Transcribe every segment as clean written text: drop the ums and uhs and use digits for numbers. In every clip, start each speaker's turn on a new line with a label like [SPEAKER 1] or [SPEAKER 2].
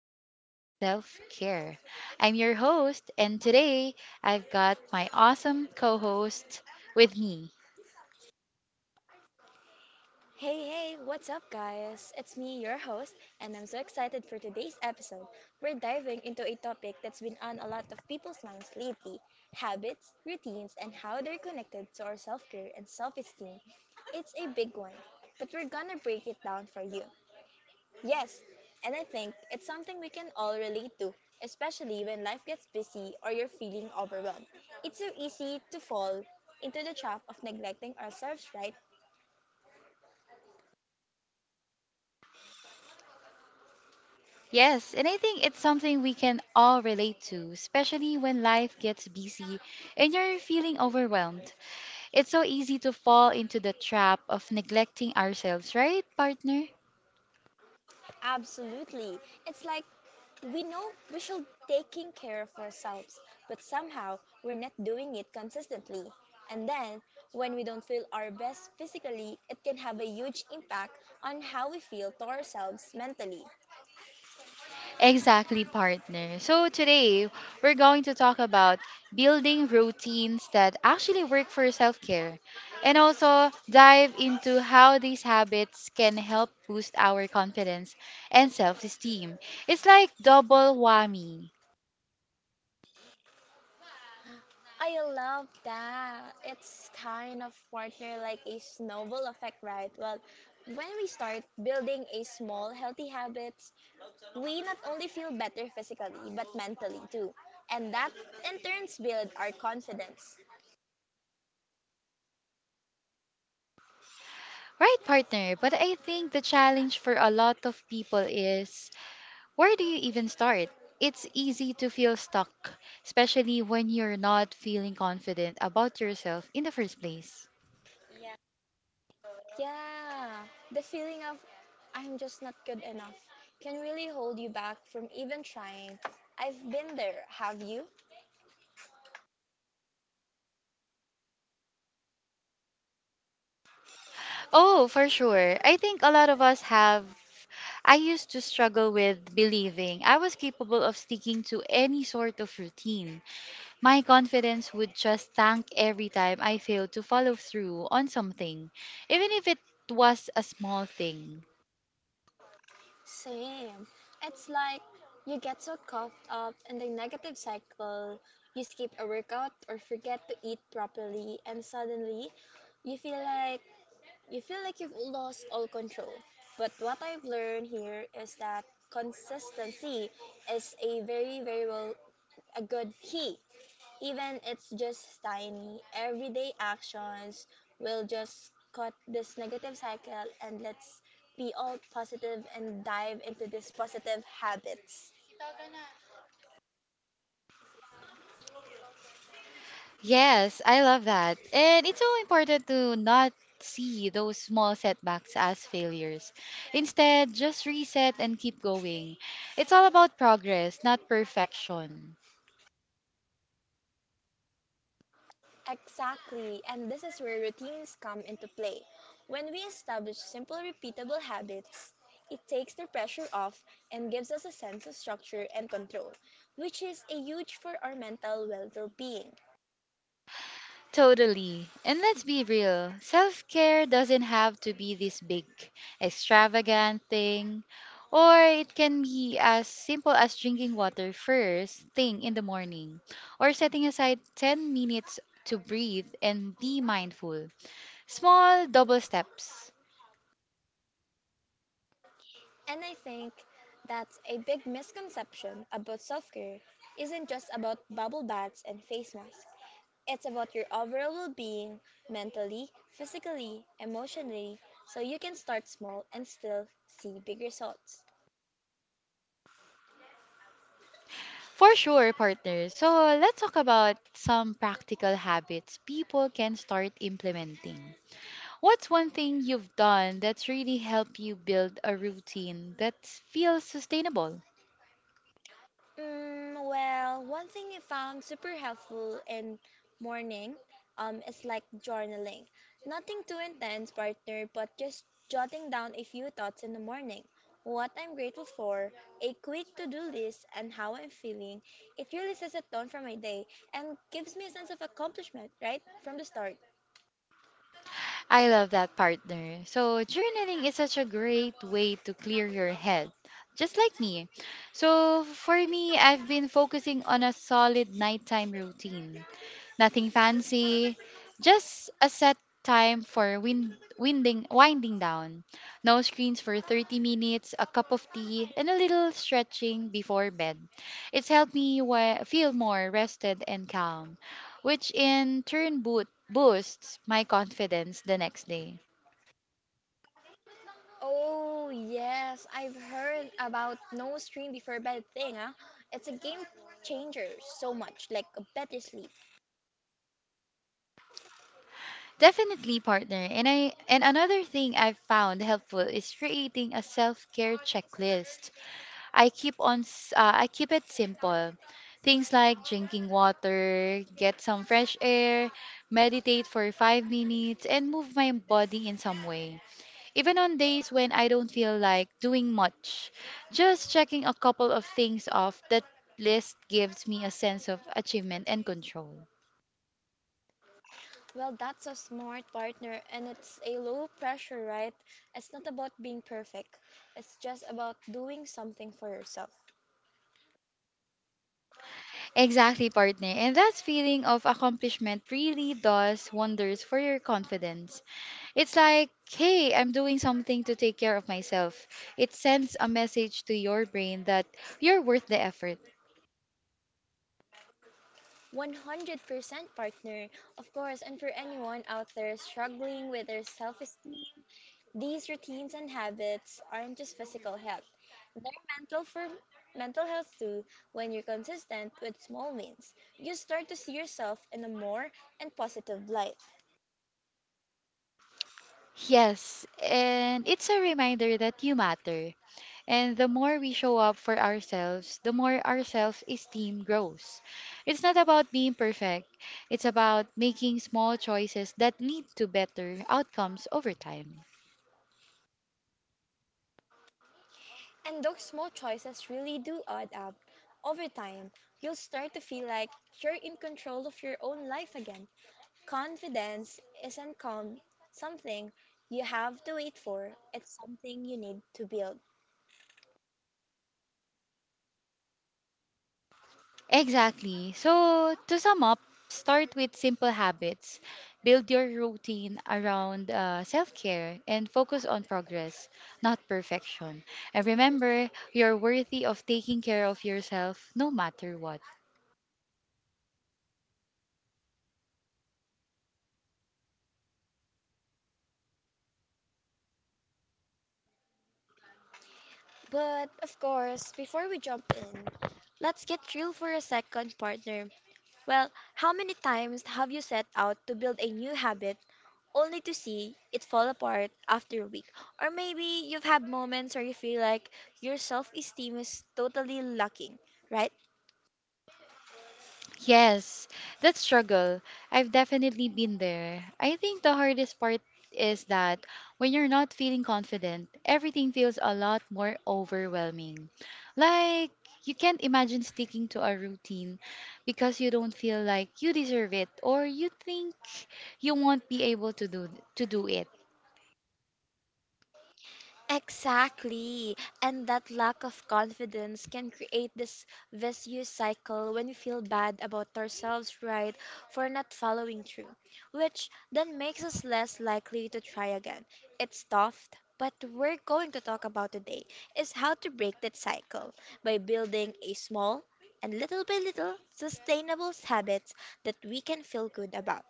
[SPEAKER 1] being, and self care. I'm your host, and today I've got my awesome co host with me.
[SPEAKER 2] Hey, hey, what's up, guys? It's me, your host, and I'm so excited for today's episode. We're diving into a topic that's been on a lot of people's minds lately: habits, routines, and how they're connected to our self care and self esteem. It's a big one, but we're gonna break it down for you. Yes, and I think it's something we can all relate to, especially when life gets busy or you're feeling overwhelmed. It's so easy to fall into the trap of neglecting ourselves, right?
[SPEAKER 1] Yes, and I think it's something we can all relate to, especially when life gets busy and you're feeling overwhelmed. It's so easy to fall into the trap of neglecting ourselves, right, partner?
[SPEAKER 2] Absolutely. It's like we know we should taking care of ourselves, but somehow we're not doing it consistently. And then when we don't feel our best physically, it can have a huge impact on how we feel to ourselves mentally.
[SPEAKER 1] Exactly, partner. So today we're going to talk about building routines that actually work for self care and also dive into how these habits can help boost our confidence and self esteem. It's like double whammy.
[SPEAKER 2] I love that. It's kind of partner like a snowball effect, right? Well, when we start building a small healthy habits, we not only feel better physically, but mentally too. And that in turns build our confidence.
[SPEAKER 1] Right, partner. But I think the challenge for a lot of people is, where do you even start? It's easy to feel stuck, especially when you're not feeling confident about yourself in the first place.
[SPEAKER 2] Yeah, the feeling of I'm just not good enough can really hold you back from even trying. I've been there, have you?
[SPEAKER 1] Oh, for sure. I think a lot of us have. I used to struggle with believing I was capable of sticking to any sort of routine. My confidence would just tank every time I failed to follow through on something, even if it was a small thing.
[SPEAKER 2] Same. It's like you get so caught up in the negative cycle, you skip a workout or forget to eat properly, and suddenly you feel like you've lost all control. But what I've learned here is that consistency is a very, very, well, a good key. Even it's just tiny, everyday actions will just cut this negative cycle, and let's be all positive and dive into these positive habits.
[SPEAKER 1] Yes, I love that. And it's so important to not see those small setbacks as failures. Instead, just reset and keep going. It's all about progress, not perfection.
[SPEAKER 2] Exactly, and this is where routines come into play. When we establish simple, repeatable habits, it takes the pressure off and gives us a sense of structure and control, which is a huge for our mental well being.
[SPEAKER 1] Totally. And let's be real, self care doesn't have to be this big, extravagant thing, or it can be as simple as drinking water first thing in the morning, or setting aside 10 minutes to breathe and be mindful. Small double steps.
[SPEAKER 2] And I think that's a big misconception about self care isn't just about bubble baths and face masks. It's about your overall well being mentally, physically, emotionally, so you can start small and still see big results.
[SPEAKER 1] For sure, partners. So let's talk about some practical habits people can start implementing. What's one thing you've done that's really helped you build a routine that feels sustainable?
[SPEAKER 2] Mm, well, one thing I found super helpful in morning is like journaling. Nothing too intense, partner, but just jotting down a few thoughts in the morning. What I'm grateful for, a quick to do list, and how I'm feeling. It really sets a tone for my day and gives me a sense of accomplishment right from the start.
[SPEAKER 1] I love that, partner. So, journaling is such a great way to clear your head, just like me. So, for me, I've been focusing on a solid nighttime routine. Nothing fancy, just a set time for winding down. No screens for 30 minutes, a cup of tea, and a little stretching before bed. It's helped me feel more rested and calm, which in turn boosts my confidence the next day.
[SPEAKER 2] Oh, yes, I've heard about no screen before bed thing, huh? It's a game changer so much, like a better sleep.
[SPEAKER 1] Definitely, partner. And another thing I've found helpful is creating a self-care checklist. I keep it simple. Things like drinking water, get some fresh air, meditate for 5 minutes and move my body in some way. Even on days when I don't feel like doing much, just checking a couple of things off that list gives me a sense of achievement and control.
[SPEAKER 2] Well, that's a smart partner, and it's a low pressure, right? It's not about being perfect, it's just about doing something for yourself.
[SPEAKER 1] Exactly, partner. And that feeling of accomplishment really does wonders for your confidence. It's like, hey, I'm doing something to take care of myself. It sends a message to your brain that you're worth the effort.
[SPEAKER 2] 100% partner, of course, and for anyone out there struggling with their self esteem, these routines and habits aren't just physical health, they're mental for mental health too. When you're consistent with small wins, you start to see yourself in a more and positive light.
[SPEAKER 1] Yes, and it's a reminder that you matter. And the more we show up for ourselves, the more our self esteem grows. It's not about being perfect, it's about making small choices that lead to better outcomes over time.
[SPEAKER 2] And those small choices really do add up. Over time, you'll start to feel like you're in control of your own life again. Confidence isn't calm, something you have to wait for, it's something you need to build.
[SPEAKER 1] Exactly. So, to sum up, start with simple habits, build your routine around self care, and focus on progress, not perfection. And remember, you're worthy of taking care of yourself no matter what.
[SPEAKER 2] But of course, before we jump in, let's get real for a second, partner. Well, how many times have you set out to build a new habit only to see it fall apart after a week? Or maybe you've had moments where you feel like your self esteem is totally lacking, right?
[SPEAKER 1] Yes, that struggle. I've definitely been there. I think the hardest part is that when you're not feeling confident, everything feels a lot more overwhelming. Like, you can't imagine sticking to a routine because you don't feel like you deserve it or you think you won't be able to do it.
[SPEAKER 2] Exactly. And that lack of confidence can create this vicious cycle when we feel bad about ourselves, right, for not following through, which then makes us less likely to try again. It's tough, but we're going to talk about today is how to break that cycle by building a small and little by little sustainable habits that we can feel good about.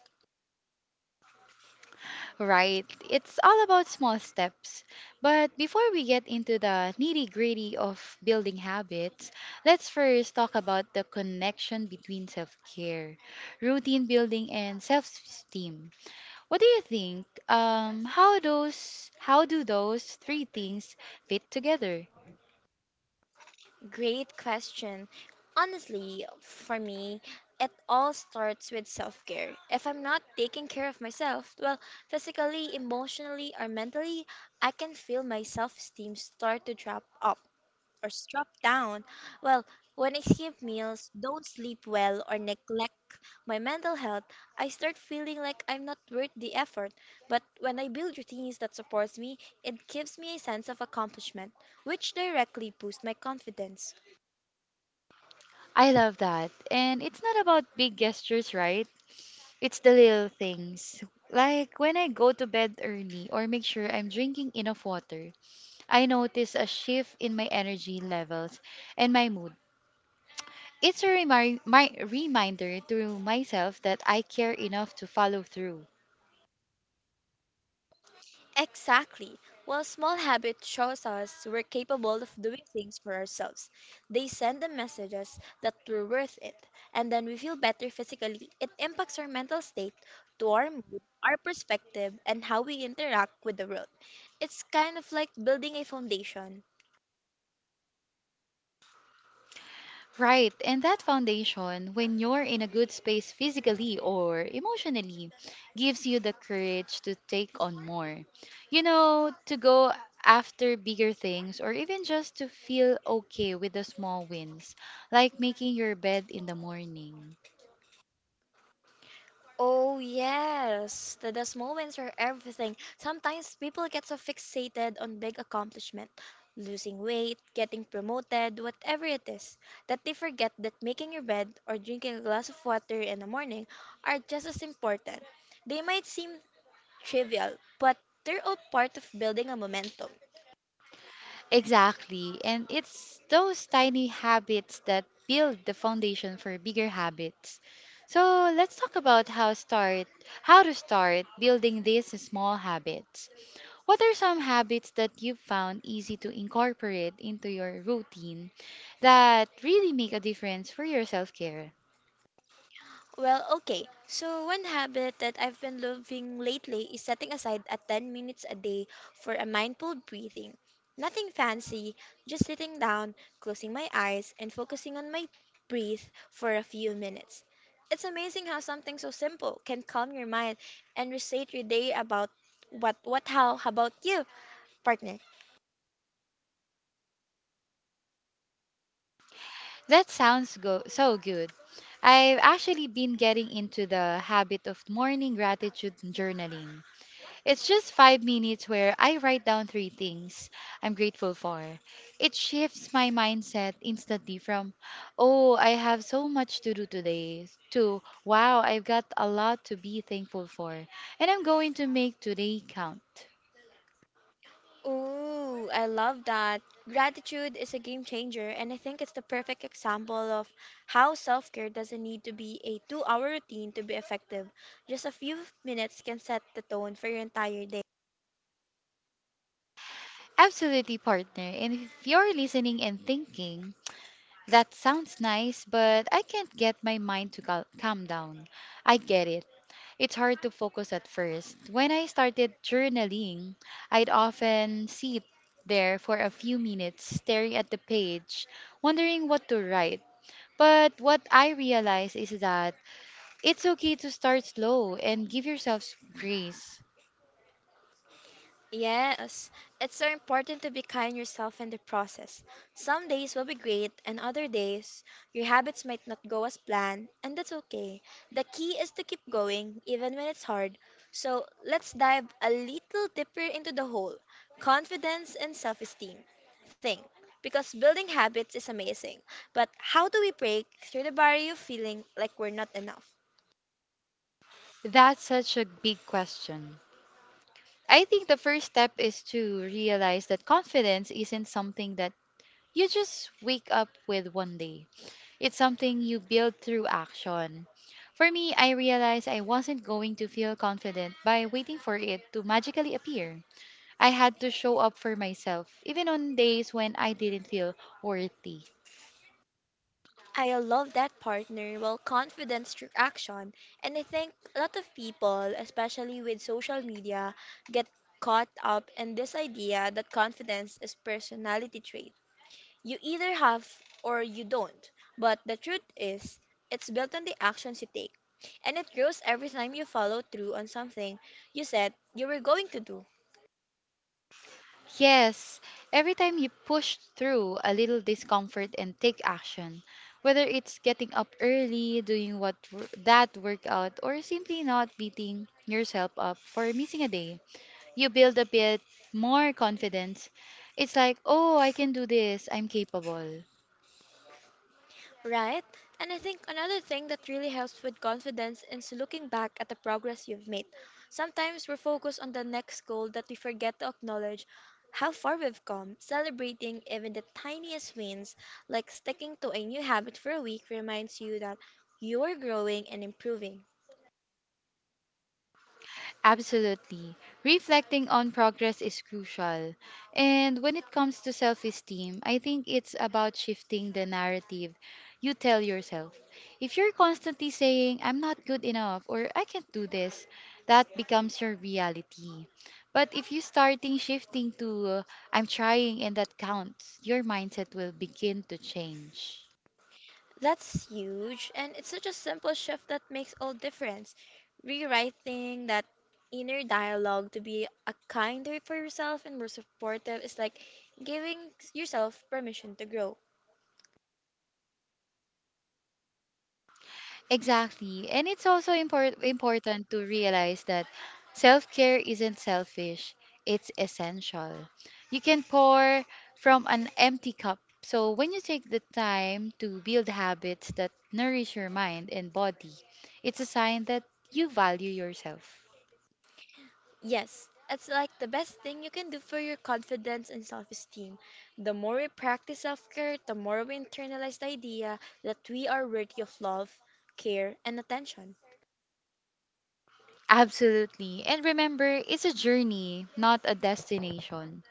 [SPEAKER 1] Right. It's all about small steps. But before we get into the nitty gritty of building habits, let's first talk about the connection between self care, routine building, and self esteem. What do you think? How those how do those three things fit together?
[SPEAKER 2] Great question. Honestly, for me, it all starts with self care. If I'm not taking care of myself, well, physically, emotionally, or mentally, I can feel my self esteem start to drop up or drop down. Well, when I skip meals, don't sleep well, or neglect my mental health, I start feeling like I'm not worth the effort. But when I build routines that supports me, it gives me a sense of accomplishment, which directly boosts my confidence.
[SPEAKER 1] I love that. And it's not about big gestures, right? It's the little things. Like when I go to bed early or make sure I'm drinking enough water. I noticed a shift in my energy levels and my mood. It's my reminder to myself that I care enough to follow through.
[SPEAKER 2] Exactly. While small habit shows us we're capable of doing things for ourselves, they send the messages that we're worth it, and then we feel better physically. It impacts our mental state, to our mood, our perspective, and how we interact with the world. It's kind of like building a foundation.
[SPEAKER 1] Right, and that foundation, when you're in a good space physically or emotionally, gives you the courage to take on more. You know, to go after bigger things or even just to feel okay with the small wins, like making your bed in the morning.
[SPEAKER 2] Oh, yes. The small wins are everything. Sometimes people get so fixated on big accomplishment, losing weight, getting promoted, whatever it is, that they forget that making your bed or drinking a glass of water in the morning are just as important. They might seem trivial, but they're all part of building a momentum.
[SPEAKER 1] Exactly. And it's those tiny habits that build the foundation for bigger habits. So let's talk about how to start building these small habits. What are some habits that you've found easy to incorporate into your routine that really make a difference for your self-care?
[SPEAKER 2] Well, okay. So, one habit that I've been loving lately is setting aside a 10 minutes a day for a mindful breathing. Nothing fancy, just sitting down, closing my eyes, and focusing on my breath for a few minutes. It's amazing how something so simple can calm your mind and reset your day about what how about you, partner?
[SPEAKER 1] That sounds so good. I've actually been getting into the habit of morning gratitude journaling. It's just 5 minutes where I write down three things I'm grateful for. It shifts my mindset instantly from, oh, I have so much to do today, to, wow, I've got a lot to be thankful for, and I'm going to make today count.
[SPEAKER 2] Ooh, I love that. Gratitude is a game changer, and I think it's the perfect example of how self care doesn't need to be a 2 hour routine to be effective. Just a few minutes can set the tone for your entire day.
[SPEAKER 1] Absolutely, partner. And if you're listening and thinking, that sounds nice, but I can't get my mind to calm down. I get it. It's hard to focus at first. When I started journaling, I'd often sit there for a few minutes staring at the page, wondering what to write. But what I realized is that it's okay to start slow and give yourself grace.
[SPEAKER 2] Yes, it's so important to be kind yourself in the process. Some days will be great, and other days your habits might not go as planned, and that's okay. The key is to keep going, even when it's hard. So let's dive a little deeper into the whole confidence and self esteem thing. Because building habits is amazing, but how do we break through the barrier of feeling like we're not enough?
[SPEAKER 1] That's such a big question. I think the first step is to realize that confidence isn't something that you just wake up with one day. It's something you build through action. For me, I realized I wasn't going to feel confident by waiting for it to magically appear. I had to show up for myself, even on days when I didn't feel worthy.
[SPEAKER 2] I love that partner, well, confidence through action. And I think a lot of people, especially with social media, get caught up in this idea that confidence is personality trait. You either have or you don't. But the truth is, it's built on the actions you take. And it grows every time you follow through on something you said you were going to do.
[SPEAKER 1] Yes, every time you push through a little discomfort and take action, whether it's getting up early, doing that workout, or simply not beating yourself up for missing a day, you build a bit more confidence. It's like, oh, I can do this, I'm capable.
[SPEAKER 2] Right? And I think another thing that really helps with confidence is looking back at the progress you've made. Sometimes we're focused on the next goal that we forget to acknowledge how far we've come. Celebrating even the tiniest wins, like sticking to a new habit for a week, reminds you that you're growing and improving.
[SPEAKER 1] Absolutely. Reflecting on progress is crucial. And when it comes to self esteem, I think it's about shifting the narrative you tell yourself. If you're constantly saying, I'm not good enough or I can't do this, that becomes your reality. But if you starting shifting to, I'm trying and that counts, your mindset will begin to change.
[SPEAKER 2] That's huge, and it's such a simple shift that makes all difference. Rewriting that inner dialogue to be a kinder for yourself and more supportive is like giving yourself permission to grow.
[SPEAKER 1] Exactly. And it's also important to realize that self care isn't selfish, it's essential. You can pour from an empty cup. So, when you take the time to build habits that nourish your mind and body, it's a sign that you value yourself.
[SPEAKER 2] Yes, it's like the best thing you can do for your confidence and self-esteem. The more we practice self-care, the more we internalize the idea that we are worthy of love, care, and attention.
[SPEAKER 1] Absolutely. And remember, it's a journey, not a destination.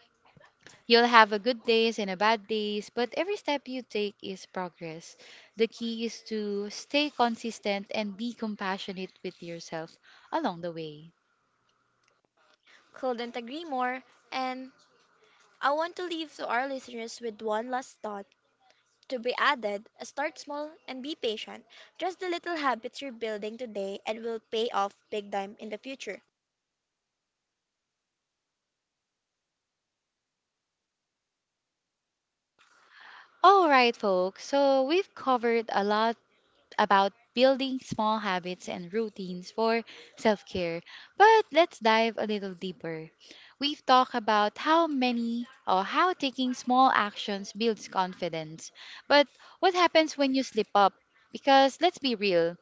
[SPEAKER 1] You'll have a good days and a bad days, but every step you take is progress. The key is to stay consistent and be compassionate with yourself along the way.
[SPEAKER 2] Couldn't agree more, and I want to leave to our listeners with one last thought. To be added, start small and be patient. Just the little habits you're building today and will pay off big time in the future.
[SPEAKER 1] All right, folks. So we've covered a lot about building small habits and routines for self care, but let's dive a little deeper. We've talked about how many or how taking small actions builds confidence, but what happens when you slip up? Because let's be real,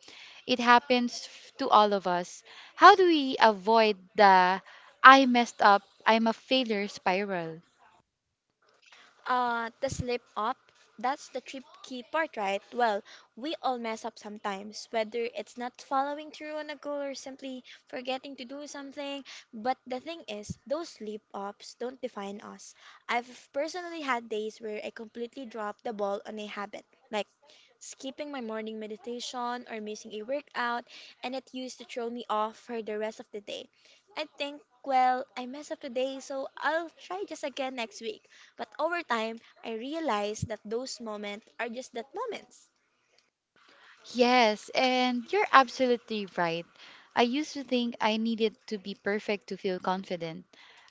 [SPEAKER 1] it happens to all of us. How do we avoid the I messed up, I'm a failure spiral?
[SPEAKER 2] The slip up, that's the trip key part, right? Well, we all mess up sometimes, whether it's not following through on a goal or simply forgetting to do something. But the thing is, those slip ups don't define us. I've personally had days where I completely dropped the ball on a habit, like skipping my morning meditation or missing a workout, and it used to throw me off for the rest of the day. I think, well, I messed up today, so I'll try just again next week. But over time, I realized that those moments are just that moments.
[SPEAKER 1] Yes, and you're absolutely right. I used to think I needed to be perfect to feel confident.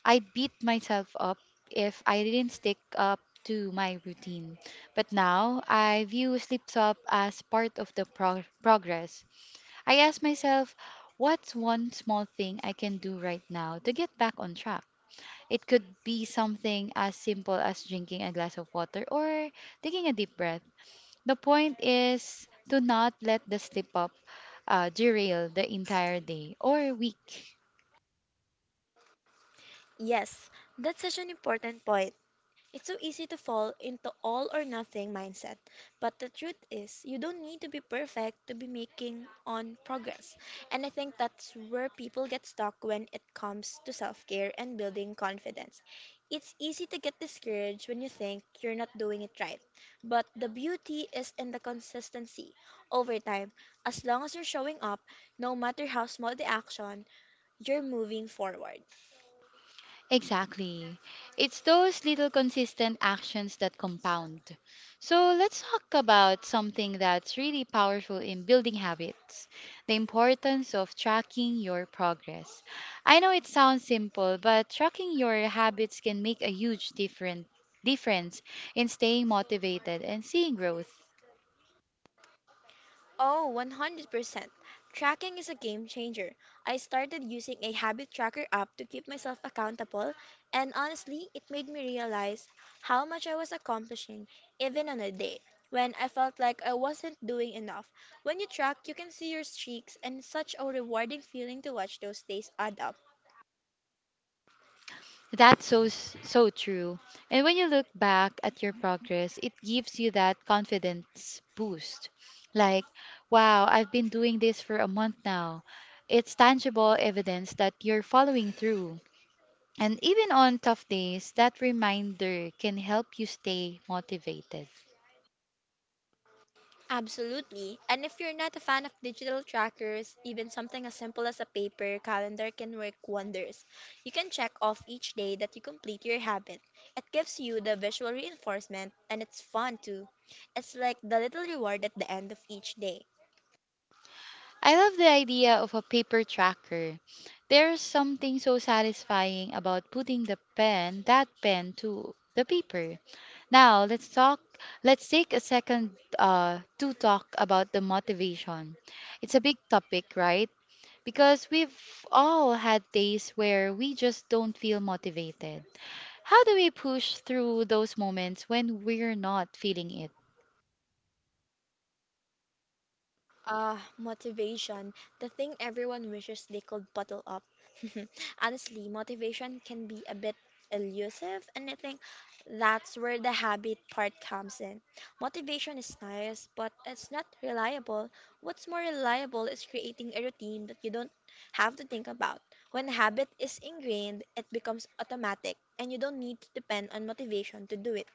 [SPEAKER 1] I beat myself up if I didn't stick up to my routine. But now I view slips up as part of the progress. I ask myself, what's one small thing I can do right now to get back on track? It could be something as simple as drinking a glass of water or taking a deep breath. The point is to not let the slip up derail the entire day or week.
[SPEAKER 2] Yes, that's such an important point. It's so easy to fall into all or nothing mindset, but the truth is, you don't need to be perfect to be making on progress. And I think that's where people get stuck when it comes to self-care and building confidence. It's easy to get discouraged when you think you're not doing it right, but the beauty is in the consistency. Over time, as long as you're showing up, no matter how small the action, you're moving forward.
[SPEAKER 1] Exactly. It's those little consistent actions that compound. So let's talk about something that's really powerful in building habits, the importance of tracking your progress. I know it sounds simple, but tracking your habits can make a huge different difference in staying motivated and seeing growth.
[SPEAKER 2] Oh, 100%. Tracking is a game changer. I started using a habit tracker app to keep myself accountable, and honestly, it made me realize how much I was accomplishing, even on a day when I felt like I wasn't doing enough. When you track, you can see your streaks, and such a rewarding feeling to watch those days add up.
[SPEAKER 1] That's so true. And when you look back at your progress, it gives you that confidence boost. Like, wow, I've been doing this for a month now. It's tangible evidence that you're following through. And even on tough days, that reminder can help you stay motivated.
[SPEAKER 2] Absolutely. And if you're not a fan of digital trackers, even something as simple as a paper calendar can work wonders. You can check off each day that you complete your habit. It gives you the visual reinforcement and it's fun too. It's like the little reward at the end of each day.
[SPEAKER 1] I love the idea of a paper tracker. There's something so satisfying about putting that pen to the paper. Now let's talk. Let's take a second to talk about the motivation. It's a big topic, right? Because we've all had days where we just don't feel motivated. How do we push through those moments when we're not feeling it?
[SPEAKER 2] Motivation. The thing everyone wishes they could bottle up. Honestly, motivation can be a bit elusive, and I think that's where the habit part comes in. Motivation is nice, but it's not reliable. What's more reliable is creating a routine that you don't have to think about. When habit is ingrained, it becomes automatic, and you don't need to depend on motivation to do it.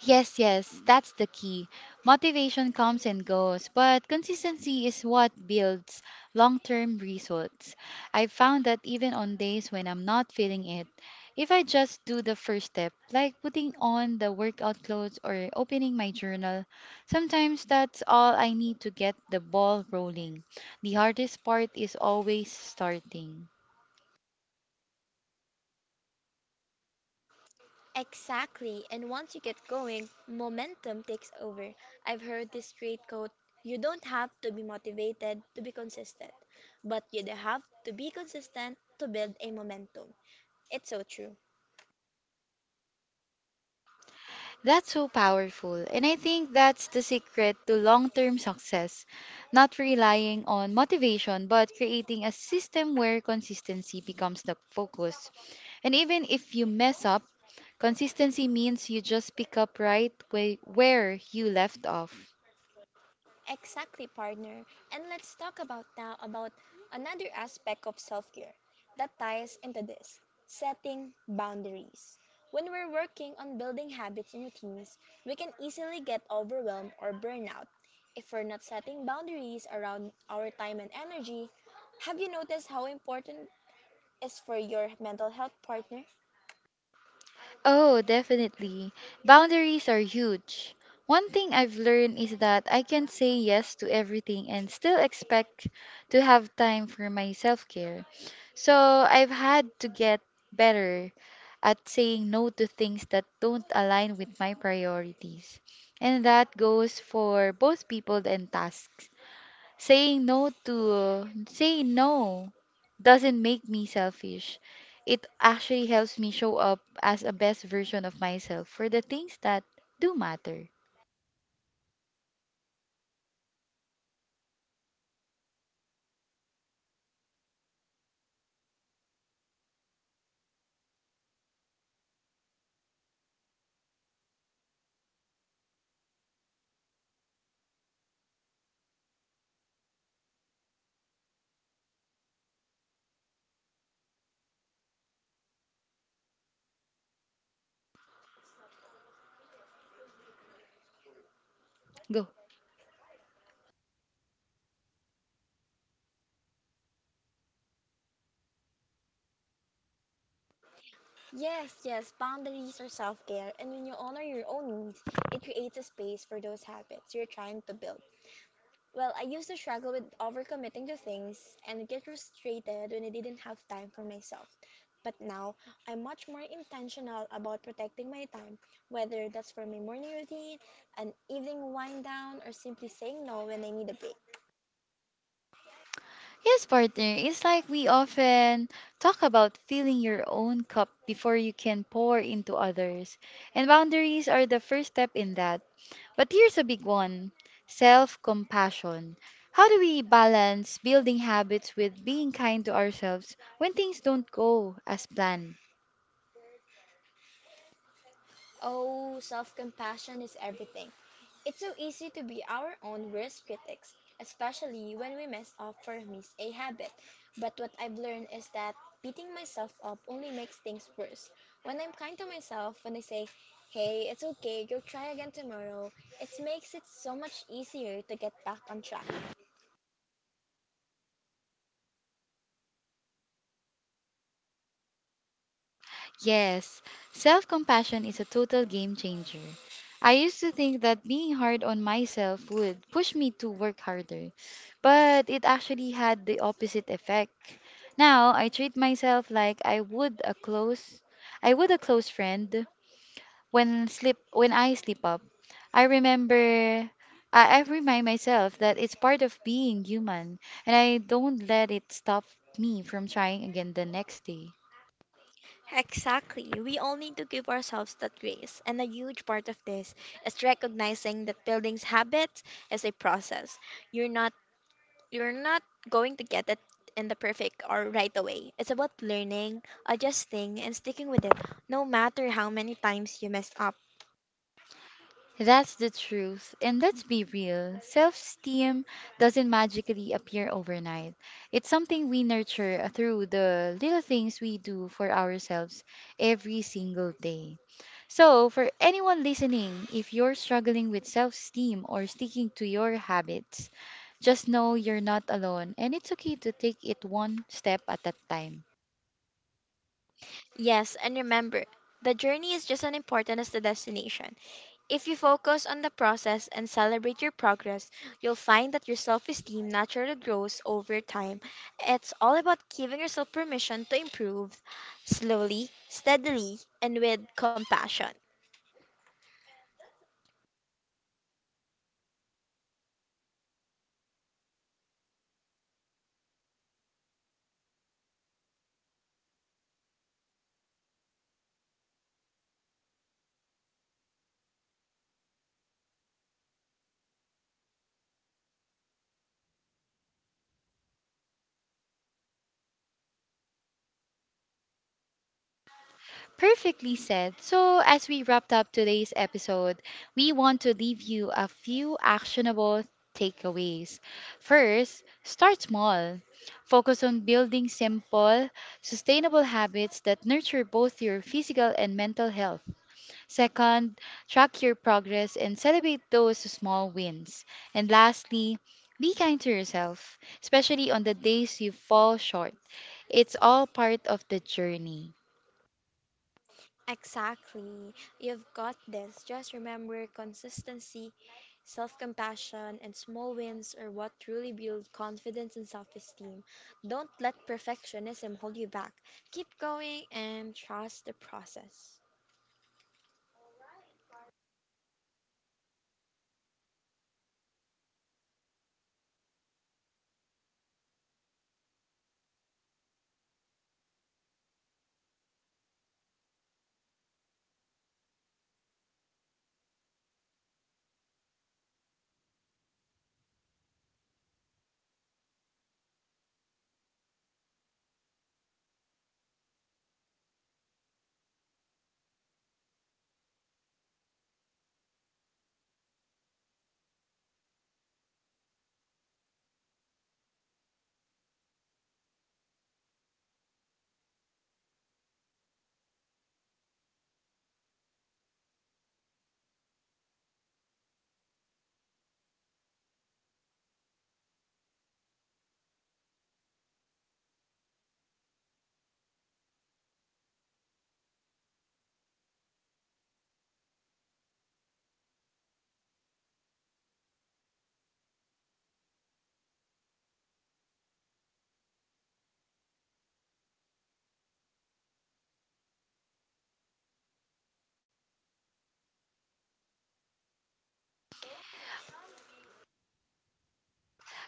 [SPEAKER 1] Yes, that's the key. Motivation comes and goes, but consistency is what builds long term results. I've found that even on days when I'm not feeling it, if I just do the first step, like putting on the workout clothes or opening my journal, sometimes that's all I need to get the ball rolling. The hardest part is always starting.
[SPEAKER 2] Exactly. And once you get going, momentum takes over. I've heard this straight quote: you don't have to be motivated to be consistent, but you do have to be consistent to build a momentum. It's so true.
[SPEAKER 1] That's so powerful. And I think that's the secret to long term success, not relying on motivation, but creating a system where consistency becomes the focus. And even if you mess up, consistency means you just pick up right where you left off.
[SPEAKER 2] Exactly, partner. And let's talk about now about another aspect of self-care that ties into this, setting boundaries. When we're working on building habits and routines, we can easily get overwhelmed or burn out if we're not setting boundaries around our time and energy. Have you noticed how important is for your mental health, partner?
[SPEAKER 1] Oh, definitely. Boundaries are huge. One thing I've learned is that I can say yes to everything and still expect to have time for my self care. So I've had to get better at saying no to things that don't align with my priorities. And that goes for both people and tasks. Saying no to saying no doesn't make me selfish. It actually helps me show up as a best version of myself for the things that do matter. Go.
[SPEAKER 2] Yes, yes, boundaries are self-care, and when you honor your own needs, it creates a space for those habits you're trying to build. Well, I used to struggle with overcommitting to things and get frustrated when I didn't have time for myself. But now, I'm much more intentional about protecting my time, whether that's for my morning routine, an evening wind down, or simply saying no when I need a break.
[SPEAKER 1] Yes, partner, it's like we often talk about filling your own cup before you can pour into others. And boundaries are the first step in that. But here's a big one, self compassion. How do we balance building habits with being kind to ourselves when things don't go as planned?
[SPEAKER 2] Oh, self compassion is everything. It's so easy to be our own worst critics, especially when we mess up or miss a habit. But what I've learned is that beating myself up only makes things worse. When I'm kind to myself, when I say, hey, it's okay, go try again tomorrow, it makes it so much easier to get back on track.
[SPEAKER 1] Yes, self compassion is a total game changer. I used to think that being hard on myself would push me to work harder, but it actually had the opposite effect. Now I treat myself like I would a close friend. When I sleep up, I remember I remind myself that it's part of being human and I don't let it stop me from trying again the next day.
[SPEAKER 2] Exactly. We all need to give ourselves that grace. And a huge part of this is recognizing that building habits is a process. You're not You're not going to get it in the perfect or right away. It's about learning, adjusting, and sticking with it, no matter how many times you mess up.
[SPEAKER 1] That's the truth. And let's be real, self esteem doesn't magically appear overnight. It's something we nurture through the little things we do for ourselves every single day. So, for anyone listening, if you're struggling with self esteem or sticking to your habits, just know you're not alone and it's okay to take it one step at a time.
[SPEAKER 2] Yes, and remember, the journey is just as important as the destination. If you focus on the process and celebrate your progress, you'll find that your self esteem naturally grows over time. It's all about giving yourself permission to improve slowly, steadily, and with compassion.
[SPEAKER 1] Perfectly said. So, as we wrapped up today's episode, we want to leave you a few actionable takeaways. First, start small. Focus on building simple, sustainable habits that nurture both your physical and mental health. Second, track your progress and celebrate those small wins. And lastly, be kind to yourself, especially on the days you fall short. It's all part of the journey.
[SPEAKER 2] Exactly. You've got this. Just remember consistency, self compassion, and small wins are what truly build confidence and self esteem. Don't let perfectionism hold you back. Keep going and trust the process.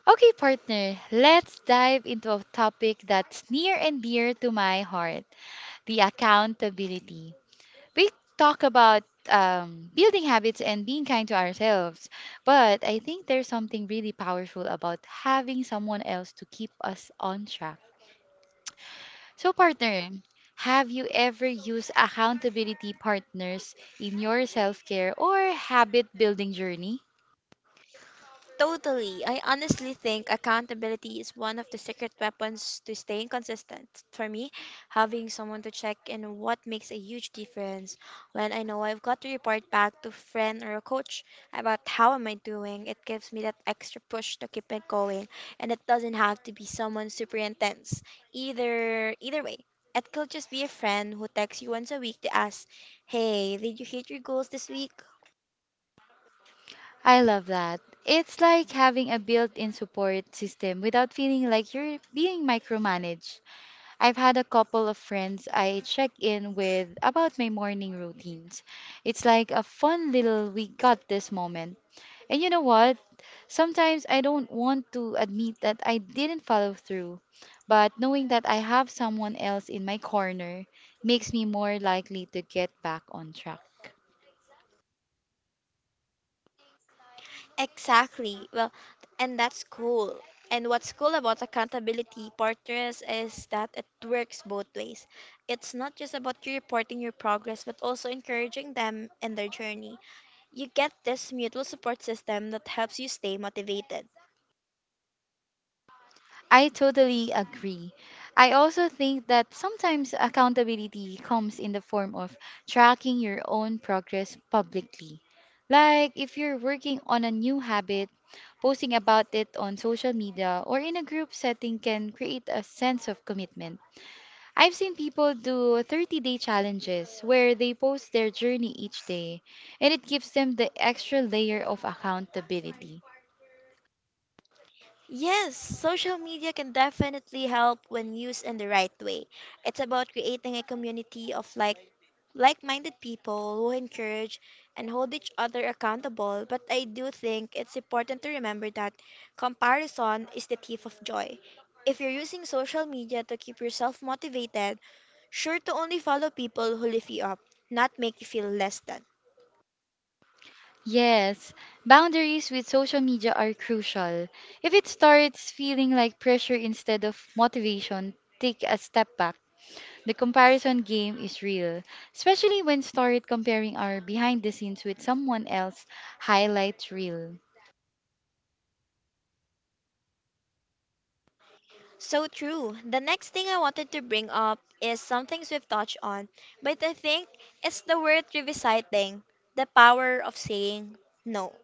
[SPEAKER 1] Okay, partner, let's dive into a topic that's near and dear to my heart, the accountability. We talk about building habits and being kind to ourselves, but I think there's something really powerful about having someone else to keep us on track. So, partner, have you ever used accountability partners in your self care or habit building journey?
[SPEAKER 2] Totally. I honestly think accountability is one of the secret weapons to staying consistent. For me, having someone to check in what makes a huge difference. When I know I've got to report back to a friend or a coach about how am I doing, it gives me that extra push to keep it going. And it doesn't have to be someone super intense. Either way. It could just be a friend who texts you once a week to ask, hey, did you hit your goals this week?
[SPEAKER 1] I love that. It's like having a built in support system without feeling like you're being micromanaged. I've had a couple of friends I check in with about my morning routines. It's like a fun little we got this moment. And you know what? Sometimes I don't want to admit that I didn't follow through, but knowing that I have someone else in my corner makes me more likely to get back on track.
[SPEAKER 2] Exactly. Well, and that's cool. And what's cool about accountability partners is that it works both ways. It's not just about you reporting your progress, but also encouraging them in their journey. You get this mutual support system that helps you stay motivated.
[SPEAKER 1] I totally agree. I also think that sometimes accountability comes in the form of tracking your own progress publicly. Like if you're working on a new habit, posting about it on social media or in a group setting can create a sense of commitment. I've seen people do 30-day challenges where they post their journey each day, and it gives them the extra layer of accountability.
[SPEAKER 2] Yes, social media can definitely help when used in the right way. It's about creating a community of like-minded people who encourage and hold each other accountable, but I do think it's important to remember that comparison is the thief of joy. If you're using social media to keep yourself motivated, sure to only follow people who lift you up, not make you feel less than.
[SPEAKER 1] Yes, boundaries with social media are crucial. If it starts feeling like pressure instead of motivation, take a step back. The comparison game is real, especially when started comparing our behind the scenes with someone else highlight reel.
[SPEAKER 2] So true. The next thing I wanted to bring up is some things we've touched on, but I think it's the worth revisiting the power of saying no.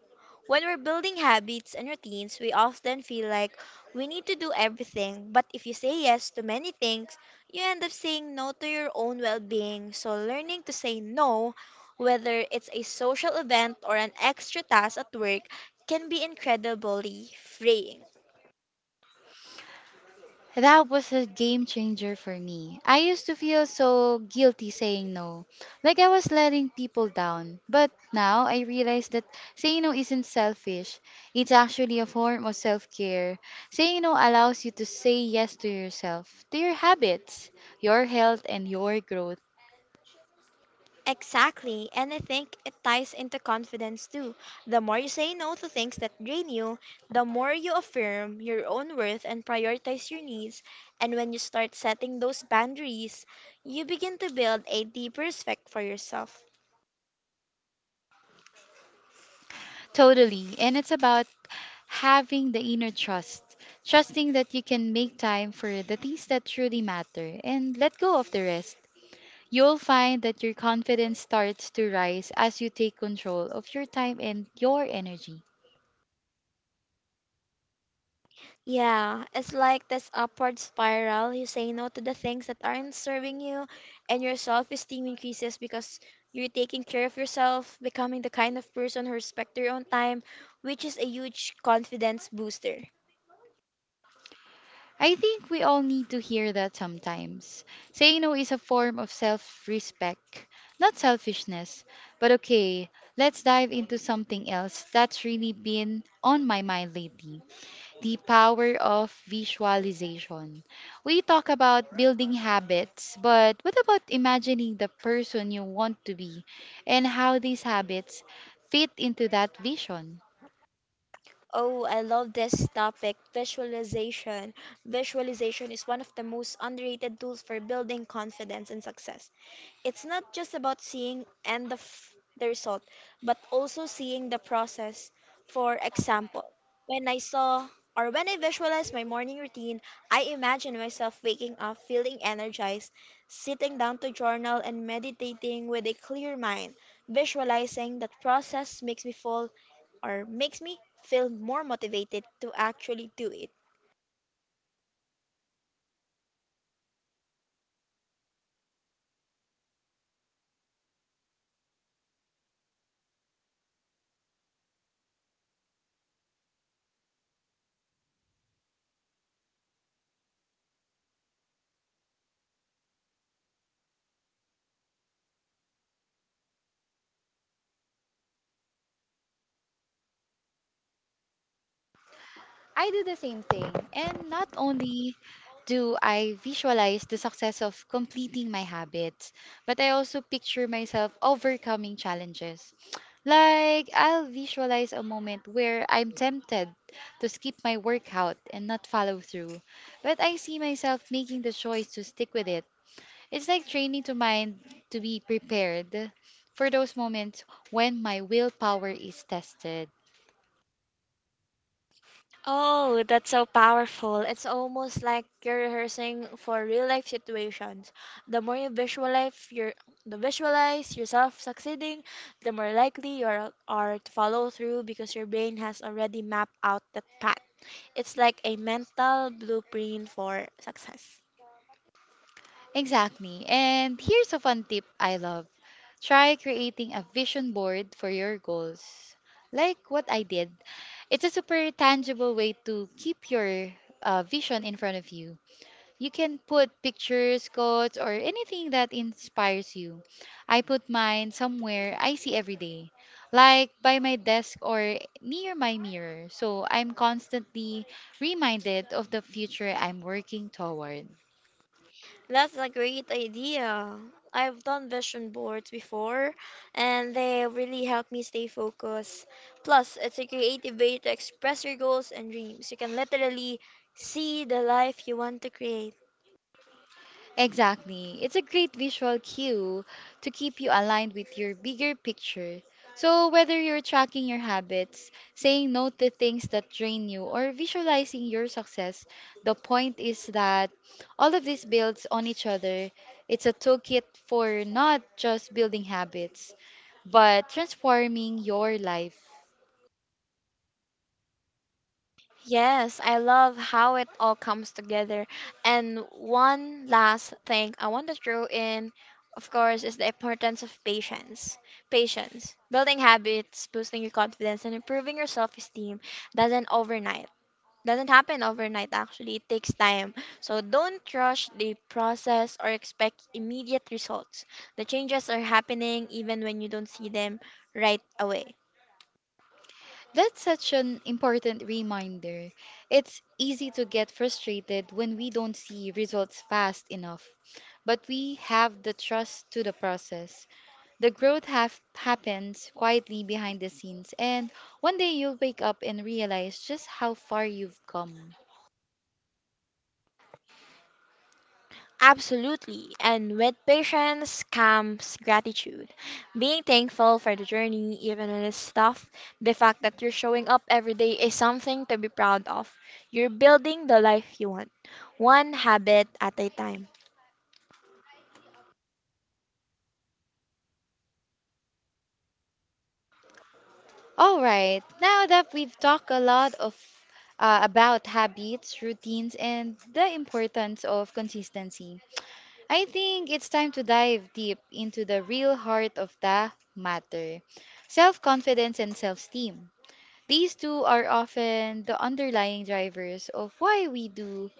[SPEAKER 2] When we're building habits and routines, we often feel like we need to do everything, but if you say yes to many things, you end up saying no to your own well being. So, learning to say no, whether it's a social event or an extra task at work, can be incredibly freeing.
[SPEAKER 1] That was a game changer for me. I used to feel so guilty saying no, like I was letting people down. But now I realize that saying no isn't selfish, it's actually a form of self care. Saying no allows you to say yes to yourself, to your habits, your health, and your growth.
[SPEAKER 2] Exactly. And I think it ties into confidence too. The more you say no to things that drain you, the more you affirm your own worth and prioritize your needs. And when you start setting those boundaries, you begin to build a deeper respect for yourself.
[SPEAKER 1] Totally. And it's about having the inner trust, trusting that you can make time for the things that truly matter and let go of the rest. You'll find that your confidence starts to rise as you take control of your time and your energy.
[SPEAKER 2] Yeah, it's like this upward spiral. You say no to the things that aren't serving you, and your self esteem increases because you're taking care of yourself, becoming the kind of person who respects their own time, which is a huge confidence booster.
[SPEAKER 1] I think we all need to hear that sometimes. Saying no is a form of self respect, not selfishness. But okay, let's dive into something else that's really been on my mind lately, the power of visualization. We talk about building habits, but what about imagining the person you want to be and how these habits fit into that vision?
[SPEAKER 2] Oh, I love this topic, visualization. Visualization is one of the most underrated tools for building confidence and success. It's not just about seeing the result, but also seeing the process. For example, when I saw when I visualized my morning routine, I imagined myself waking up feeling energized, sitting down to journal and meditating with a clear mind. Visualizing that process makes me feel more motivated to actually do it.
[SPEAKER 1] I do the same thing. And not only do I visualize the success of completing my habits, but I also picture myself overcoming challenges. Like, I'll visualize a moment where I'm tempted to skip my workout and not follow through, but I see myself making the choice to stick with it. It's like training to mind to be prepared for those moments when my willpower is tested.
[SPEAKER 2] Oh, that's so powerful. It's almost like you're rehearsing for real life situations. The more you visualize yourself succeeding, the more likely you are to follow through because your brain has already mapped out that path. It's like a mental blueprint for success.
[SPEAKER 1] Exactly. And here's a fun tip I love. Try creating a vision board for your goals. Like what I did. It's a super tangible way to keep your vision in front of you. You can put pictures, quotes, or anything that inspires you. I put mine somewhere I see every day, like by my desk or near my mirror. So I'm constantly reminded of the future I'm working toward.
[SPEAKER 2] That's a great idea. I've done vision boards before, and they really help me stay focused. Plus, it's a creative way to express your goals and dreams. You can literally see the life you want to create.
[SPEAKER 1] Exactly. It's a great visual cue to keep you aligned with your bigger picture. So, whether you're tracking your habits, saying no to things that drain you, or visualizing your success, the point is that all of this builds on each other. It's a toolkit for not just building habits, but transforming your life.
[SPEAKER 2] Yes, I love how it all comes together. And one last thing I want to throw in, of course, is the importance of patience. Patience. Building habits, boosting your confidence, and improving your self esteem doesn't overnight. Doesn't happen overnight. Actually, it takes time. So don't rush the process or expect immediate results. The changes are happening even when you don't see them right away.
[SPEAKER 1] That's such an important reminder. It's easy to get frustrated when we don't see results fast enough, but we have the trust to the process. The growth have happens quietly behind the scenes, and one day you'll wake up and realize just how far you've come.
[SPEAKER 2] Absolutely. And with patience comes gratitude, being thankful for the journey even when it's tough. The fact that you're showing up every day is something to be proud of. You're building the life you want, one habit at a time.
[SPEAKER 1] All right, now that we've talked a lot of about habits, routines, and the importance of consistency, I think it's time to dive deep into the real heart of the matter, self confidence and self esteem. These two are often the underlying drivers of why we do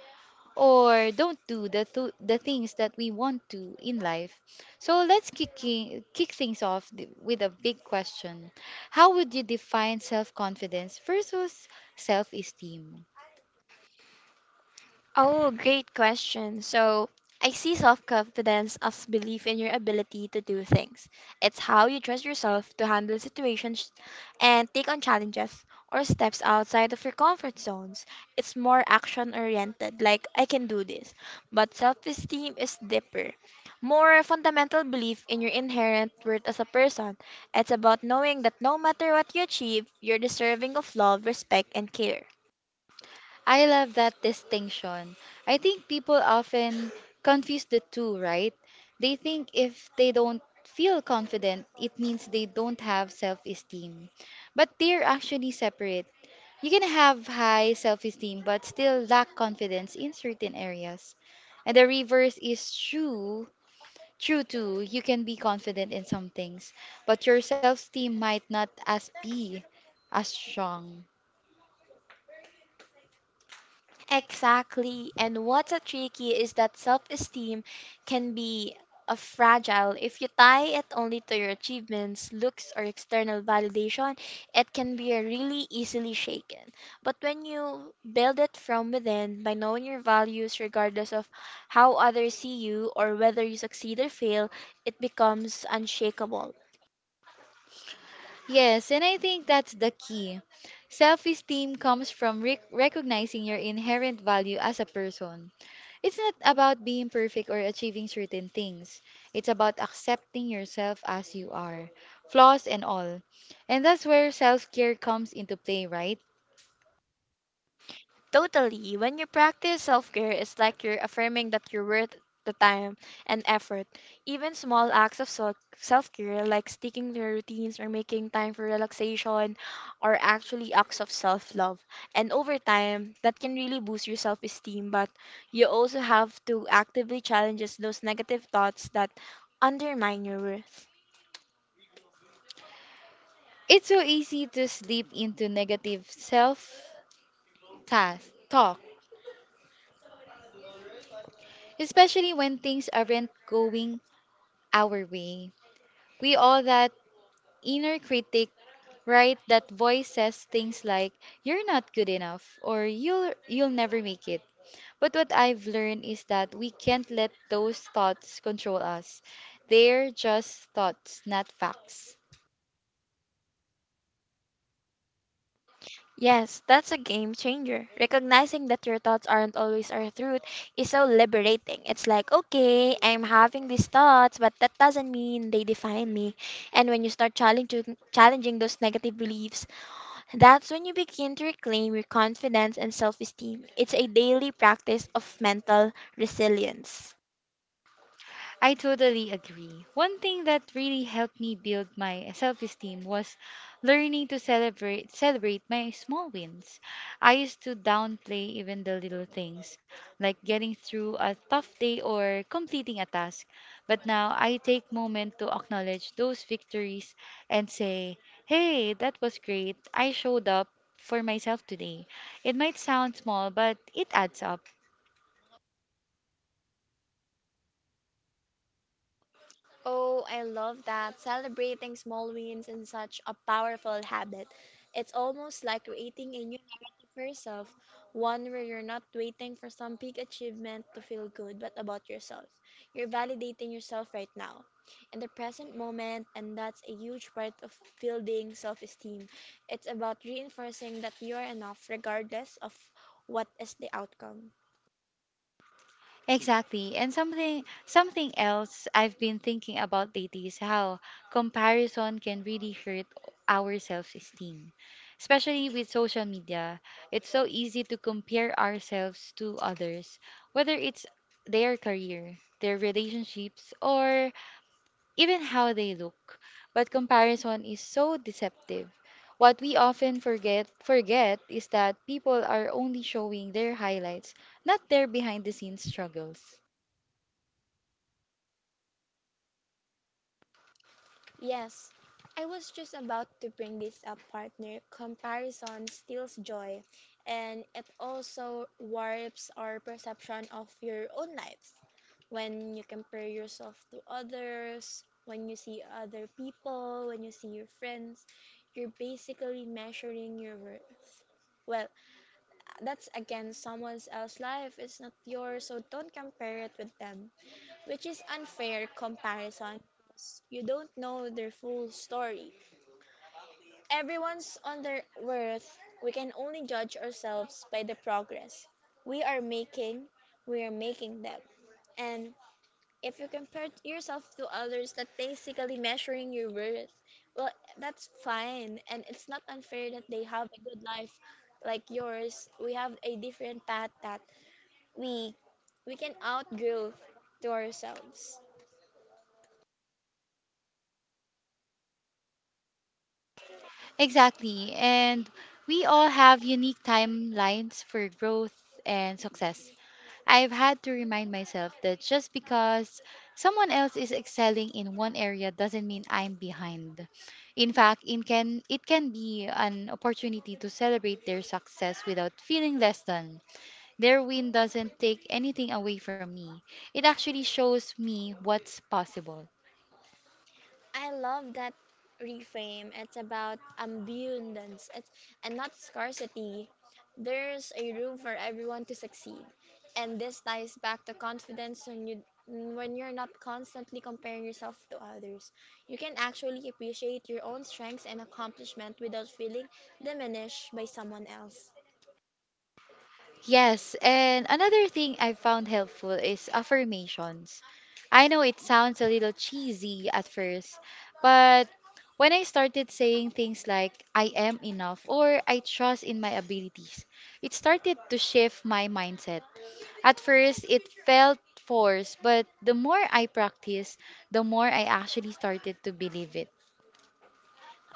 [SPEAKER 1] or don't do the things that we want to in life. So let's kick things off with a big question. How would you define self confidence versus self esteem?
[SPEAKER 2] Oh, great question. So, I see self confidence as belief in your ability to do things. It's how you trust yourself to handle situations and take on challenges or steps outside of your comfort zones. It's more action oriented, like, I can do this. But self esteem is deeper, more fundamental belief in your inherent worth as a person. It's about knowing that no matter what you achieve, you're deserving of love, respect, and care.
[SPEAKER 1] I love that distinction. I think people often confuse the two, right? They think if they don't feel confident, it means they don't have self esteem. But they're actually separate. You can have high self esteem but still lack confidence in certain areas. And the reverse is true. True too, you can be confident in some things, but your self esteem might not as be as strong.
[SPEAKER 2] Exactly. And what's a tricky is that self esteem can be a fragile. If you tie it only to your achievements, looks, or external validation, it can be really easily shaken. But when you build it from within by knowing your values, regardless of how others see you or whether you succeed or fail, it becomes unshakable.
[SPEAKER 1] Yes, and I think that's the key. Self esteem comes from recognizing your inherent value as a person. It's not about being perfect or achieving certain things, it's about accepting yourself as you are, flaws and all. And that's where self care comes into play, right?
[SPEAKER 2] Totally. When you practice self care, it's like you're affirming that you're worth the time and effort. Even small acts of self care, like sticking to your routines or making time for relaxation, are actually acts of self love. And over time, that can really boost your self esteem. But you also have to actively challenge those negative thoughts that undermine your worth.
[SPEAKER 1] It's so easy to slip into negative self task talk, especially when things aren't going our way. We all that inner critic, right? That voice says things like you're not good enough or you'll never make it. But what I've learned is that we can't let those thoughts control us. They're just thoughts, not facts.
[SPEAKER 2] Yes, that's a game changer. Recognizing that your thoughts aren't always our truth is so liberating. It's like, okay, I'm having these thoughts, but that doesn't mean they define me. And when you start challenging those negative beliefs, that's when you begin to reclaim your confidence and self-esteem. It's a daily practice of mental resilience.
[SPEAKER 1] I totally agree. One thing that really helped me build my self-esteem was learning to celebrate my small wins. I used to downplay even the little things, like getting through a tough day or completing a task. But now I take moment to acknowledge those victories and say, "Hey, that was great. I showed up for myself today." It might sound small, but it adds up.
[SPEAKER 2] Oh, I love that. Celebrating small wins is such a powerful habit. It's almost like creating a new narrative for yourself, one where you're not waiting for some big achievement to feel good, but about yourself. You're validating yourself right now, in the present moment, and that's a huge part of building self esteem. It's about reinforcing that you are enough regardless of what is the outcome.
[SPEAKER 1] Exactly. And something else I've been thinking about lately is how comparison can really hurt our self-esteem. Especially with social media, it's so easy to compare ourselves to others, whether it's their career, their relationships, or even how they look. But comparison is so deceptive. What we often forget is that people are only showing their highlights, not their behind the scenes struggles.
[SPEAKER 2] Yes, I was just about to bring this up, partner. Comparison steals joy, and it also warps our perception of your own lives. When you compare yourself to others, when you see other people, when you see your friends, you're basically measuring your worth. Well, that's again someone else's life, it's not yours, so don't compare it with them, which is unfair comparison. You don't know their full story. Everyone's on their worth. We can only judge ourselves by the progress we are making. We are making them. And if you compare yourself to others, that basically measuring your worth. Well, that's fine. And it's not unfair that they have a good life like yours. We have a different path that we we can outgrow to ourselves.
[SPEAKER 1] Exactly. And we all have unique timelines for growth and success. I've had to remind myself that just because someone else is excelling in one area doesn't mean I'm behind. In fact, it can be an opportunity to celebrate their success without feeling less than. Their win doesn't take anything away from me. It actually shows me what's possible.
[SPEAKER 2] I love that reframe. It's about abundance, and not scarcity. There's a room for everyone to succeed. And this ties back to confidence when you're not constantly comparing yourself to others. You can actually appreciate your own strengths and accomplishment without feeling diminished by someone else.
[SPEAKER 1] Yes, and another thing I found helpful is affirmations. I know it sounds a little cheesy at first, but when I started saying things like I am enough or I trust in my abilities, it started to shift my mindset. At first, it felt forced, but the more I practiced, the more I actually started to believe it.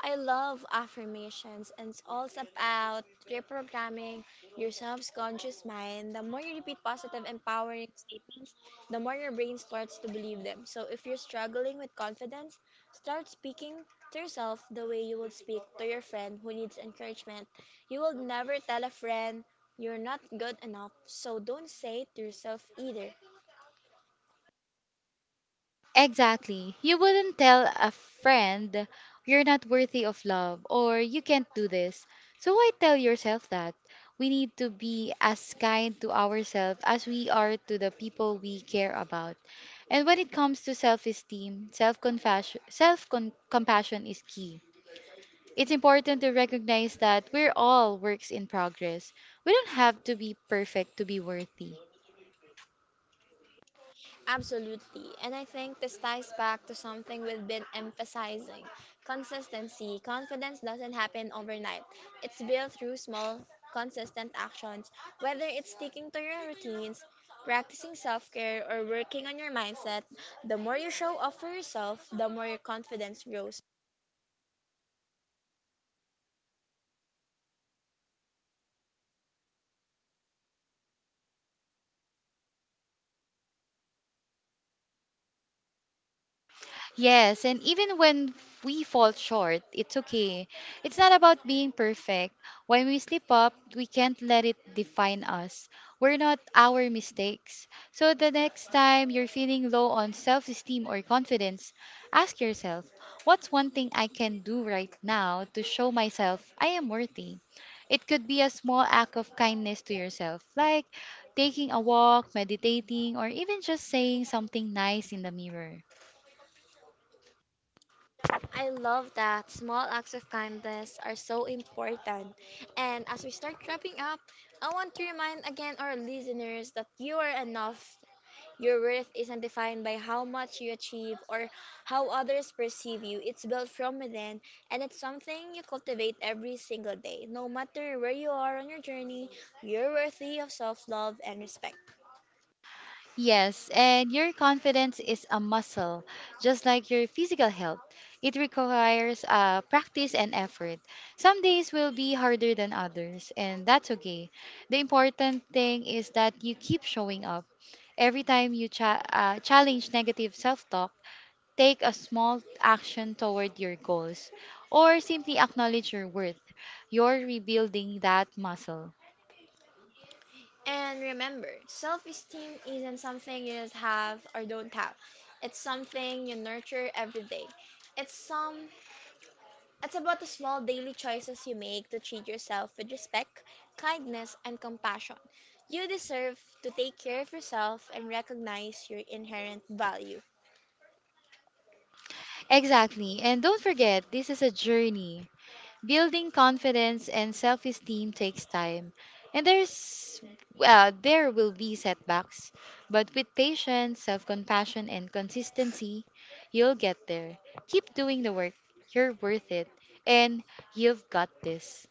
[SPEAKER 2] I love affirmations, and it's all about reprogramming your subconscious mind. The more you repeat positive, empowering statements, the more your brain starts to believe them. So, if you're struggling with confidence, start speaking to yourself the way you would speak to your friend who needs encouragement. You will never tell a friend you're not good enough, so don't say it to yourself either.
[SPEAKER 1] Exactly. You wouldn't tell a friend you're not worthy of love or you can't do this. So why tell yourself that? We need to be as kind to ourselves as we are to the people we care about. And when it comes to self-esteem, self-compassion is key. It's important to recognize that we're all works in progress. We don't have to be perfect to be worthy.
[SPEAKER 2] Absolutely. And I think this ties back to something we've been emphasizing consistency. Confidence doesn't happen overnight, it's built through small, consistent actions, whether it's sticking to your routines. Practicing self care or working on your mindset, the more you show up for yourself, the more your confidence grows.
[SPEAKER 1] Yes, and even when we fall short, it's okay. It's not about being perfect. When we slip up, we can't let it define us. We're not our mistakes. So the next time you're feeling low on self esteem or confidence, ask yourself, what's one thing I can do right now to show myself I am worthy? It could be a small act of kindness to yourself, like taking a walk, meditating, or even just saying something nice in the mirror.
[SPEAKER 2] I love that small acts of kindness are so important. And as we start wrapping up, I want to remind again our listeners that you are enough. Your worth isn't defined by how much you achieve or how others perceive you. It's built from within, and it's something you cultivate every single day. No matter where you are on your journey, you're worthy of self love and respect.
[SPEAKER 1] Yes, and your confidence is a muscle, just like your physical health. It requires practice and effort. Some days will be harder than others, and that's okay. The important thing is that you keep showing up. Every time you challenge negative self talk, take a small action toward your goals, or simply acknowledge your worth. You're rebuilding that muscle.
[SPEAKER 2] And remember, self esteem isn't something you just have or don't have, it's something you nurture every day. It's some It's about the small daily choices you make to treat yourself with respect, kindness, and compassion. You deserve to take care of yourself and recognize your inherent value.
[SPEAKER 1] Exactly, and don't forget, this is a journey. Building confidence and self esteem takes time, and there will be setbacks, but with patience, self compassion, and consistency, you'll get there. Keep doing the work, you're worth it, and you've got this.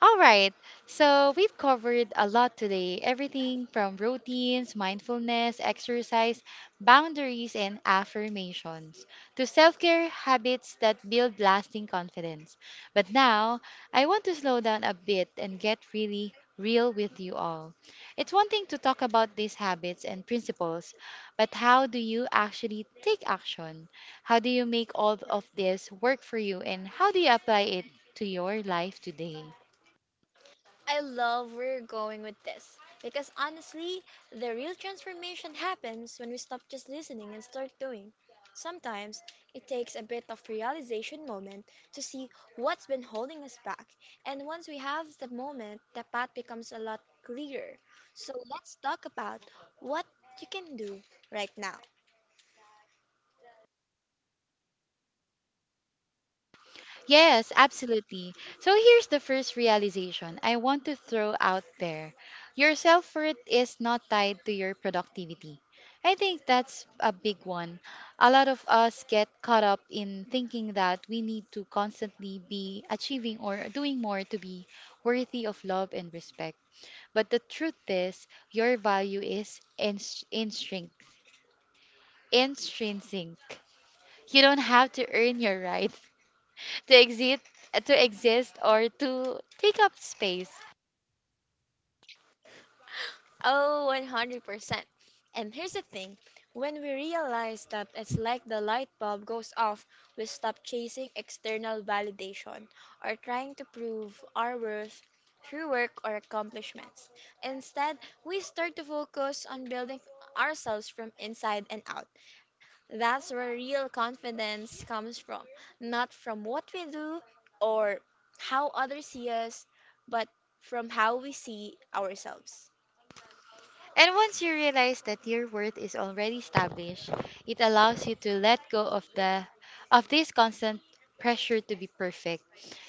[SPEAKER 1] All right. So we've covered a lot today, everything from routines, mindfulness, exercise, boundaries, and affirmations to self care habits that build lasting confidence. But now, I want to slow down a bit and get really real with you all. It's one thing to talk about these habits and principles, but how do you actually take action? How do you make all of this work for you, and how do you apply it to your life today?
[SPEAKER 2] I love where you're going with this because honestly, the real transformation happens when we stop just listening and start doing. Sometimes it takes a bit of realization moment to see what's been holding us back. And once we have the moment, the path becomes a lot clearer. So let's talk about what you can do right now.
[SPEAKER 1] Yes, absolutely. So here's the first realization I want to throw out there. Your self worth is not tied to your productivity. I think that's a big one. A lot of us get caught up in thinking that we need to constantly be achieving or doing more to be worthy of love and respect. But the truth is, your value is intrinsic. Intrinsic. You don't have to earn your right to exist to exist or to take up space.
[SPEAKER 2] Oh, 100%. And here's the thing when we realize that it's like the light bulb goes off, we stop chasing external validation or trying to prove our worth through work or accomplishments. Instead, we start to focus on building ourselves from inside and out. That's where real confidence comes from, not from what we do or how others see us, but from how we see ourselves.
[SPEAKER 1] And once you realize that your worth is already established, it allows you to let go of the of this constant pressure to be perfect.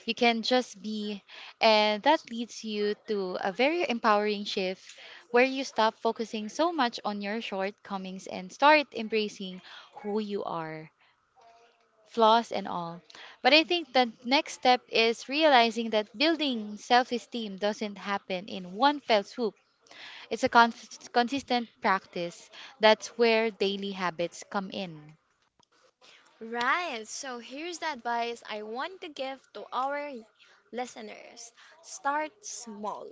[SPEAKER 1] You can just be, and that leads you to a very empowering shift where you stop focusing so much on your shortcomings and start embracing who you are, flaws and all. But I think the next step is realizing that building self esteem doesn't happen in one fell swoop. It's a consistent practice. That's where daily habits come in.
[SPEAKER 2] Right, so here's the advice I want to give to our listeners. Start small.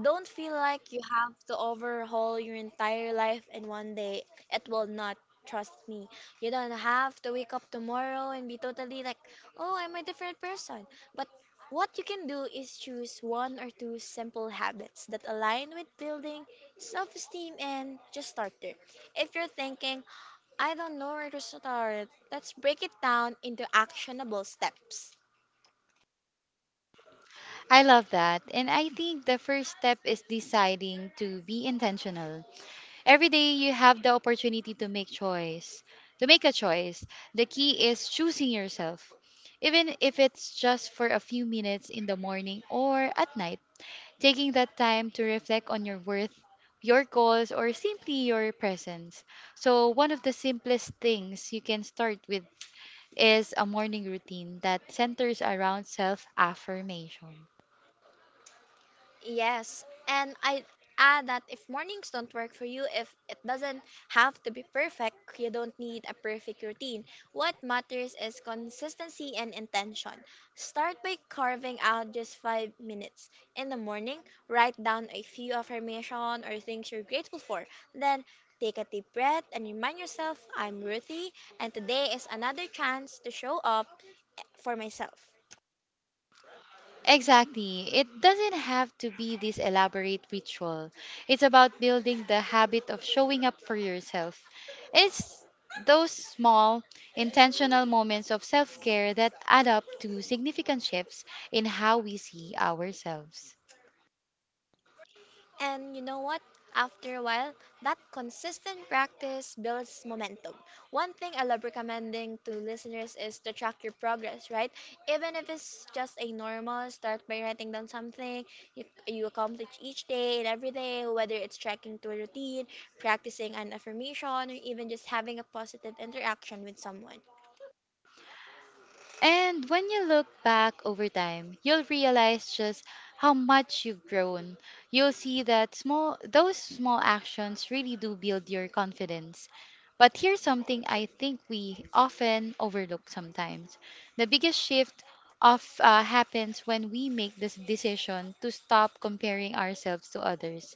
[SPEAKER 2] Don't feel like you have to overhaul your entire life in one day. It will not, trust me. You don't have to wake up tomorrow and be totally like, oh, I'm a different person. But what you can do is choose one or two simple habits that align with building self esteem and just start there. If you're thinking, I don't know where to start. Let's break it down into actionable steps.
[SPEAKER 1] I love that. And I think the first step is deciding to be intentional. Every day you have the opportunity to make a choice. The key is choosing yourself. Even if it's just for a few minutes in the morning or at night, taking that time to reflect on your worth, your goals, or simply your presence. So, one of the simplest things you can start with is a morning routine that centers around self affirmation.
[SPEAKER 2] Yes, and I add that if mornings don't work for you, if it doesn't have to be perfect, you don't need a perfect routine. What matters is consistency and intention. Start by carving out just 5 minutes. In the morning, write down a few affirmations or things you're grateful for. Then take a deep breath and remind yourself, I'm worthy, and today is another chance to show up for myself.
[SPEAKER 1] Exactly. It doesn't have to be this elaborate ritual. It's about building the habit of showing up for yourself. It's those small, intentional moments of self care that add up to significant shifts in how we see ourselves.
[SPEAKER 2] And you know what? After a while, that consistent practice builds momentum. One thing I love recommending to listeners is to track your progress, right? Even if it's just a normal start by writing down something you accomplish each day and every day, whether it's tracking to a routine, practicing an affirmation, or even just having a positive interaction with someone.
[SPEAKER 1] And when you look back over time, you'll realize just how much you've grown. You'll see that small those small actions really do build your confidence. But here's something I think we often overlook sometimes. The biggest shift of happens when we make this decision to stop comparing ourselves to others.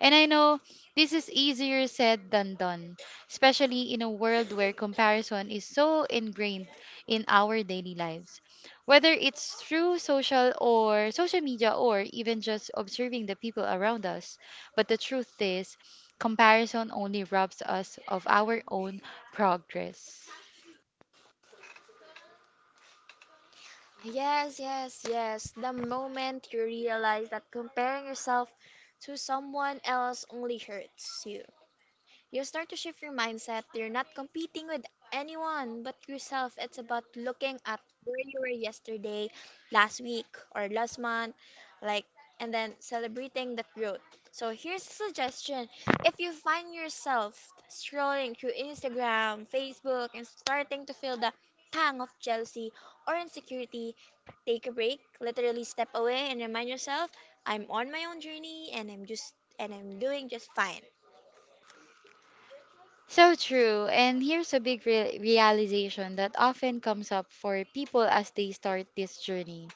[SPEAKER 1] And I know this is easier said than done, especially in a world where comparison is so ingrained in our daily lives, whether it's through social media or even just observing the people around us. But the truth is, comparison only robs us of our own progress.
[SPEAKER 2] Yes, yes, yes. The moment you realize that comparing yourself to someone else only hurts you. You start to shift your mindset. You're not competing with anyone but yourself. It's about looking at where you were yesterday, last week, or last month, like, and then celebrating that growth. So here's a suggestion. If you find yourself scrolling through Instagram, Facebook, and starting to feel the tang of jealousy or insecurity, take a break, literally step away and remind yourself, I'm on my own journey and I'm doing just fine.
[SPEAKER 1] So true. And here's a big realization that often comes up for people as they start this journey.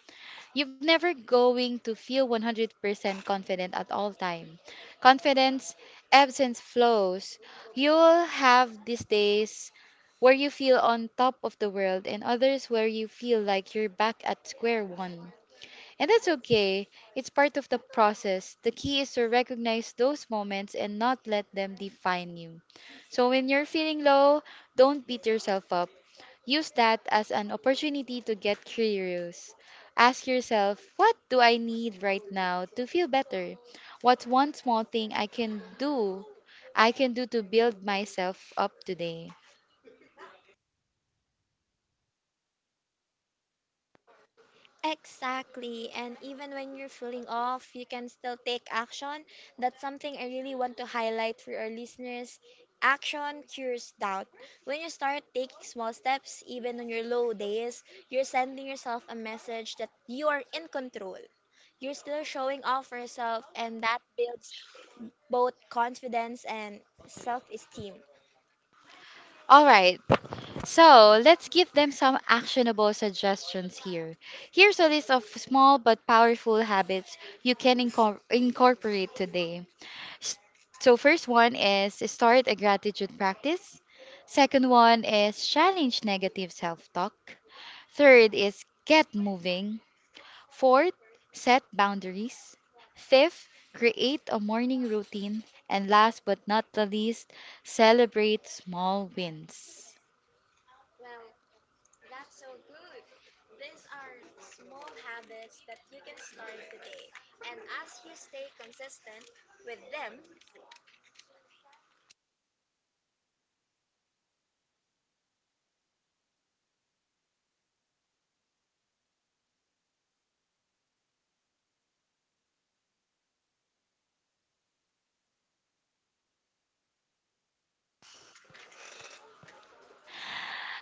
[SPEAKER 1] You've never going to feel 100% confident at all time. Confidence ebbs and flows. You'll have these days where you feel on top of the world and others where you feel like you're back at square one. And that's okay. It's part of the process. The key is to recognize those moments and not let them define you. So when you're feeling low, don't beat yourself up. Use that as an opportunity to get curious. Ask yourself, what do I need right now to feel better? What's one small thing I can do to build myself up today.
[SPEAKER 2] Exactly. And even when you're feeling off, you can still take action. That's something I really want to highlight for our listeners. Action cures doubt. When you start taking small steps, even on your low days, you're sending yourself a message that you are in control. You're still showing off for yourself, and that builds both confidence and self esteem.
[SPEAKER 1] All right, so let's give them some actionable suggestions here. Here's a list of small but powerful habits you can incorporate today. S- So first one is start a gratitude practice. Second one is challenge negative self-talk. Third is get moving. Fourth, set boundaries. Fifth, create a morning routine. And last but not the least, celebrate small wins.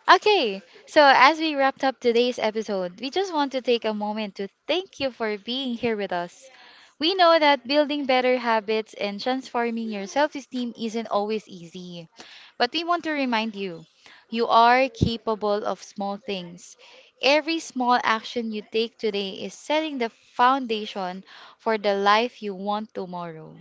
[SPEAKER 1] Okay, so as we wrapped up today's episode, we just want to take a moment to thank you for being here with us. We know that building better habits and transforming your self esteem isn't always easy, but we want to remind you you are capable of small things. Every small action you take today is setting the foundation for the life you want tomorrow.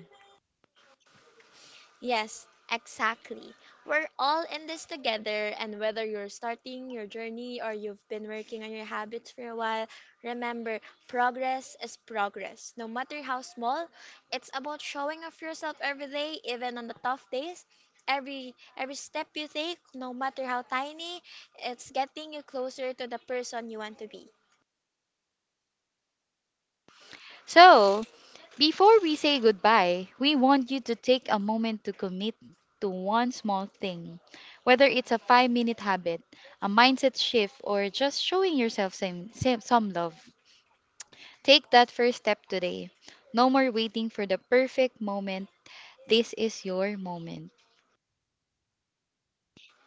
[SPEAKER 2] Yes, exactly. We're all in this together, and whether you're starting your journey or you've been working on your habits for a while, remember progress is progress. No matter how small, it's about showing off yourself every day, even on the tough days. Every step you take, no matter how tiny, it's getting you closer to the person you want to be.
[SPEAKER 1] So, before we say goodbye, we want you to take a moment to commit to one small thing, whether it's a 5-minute habit, a mindset shift, or just showing yourself some love. Take that first step today. No more waiting for the perfect moment. This is your moment.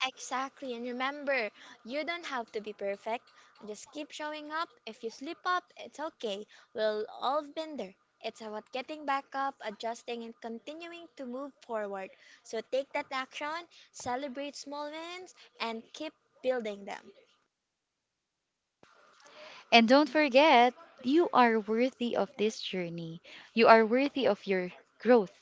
[SPEAKER 2] Exactly, and remember, you don't have to be perfect. Just keep showing up. If you slip up, it's okay. We'll all been there. It's about getting back up, adjusting, and continuing to move forward. So take that action, celebrate small wins, and keep building them.
[SPEAKER 1] And don't forget, you are worthy of this journey. You are worthy of your growth,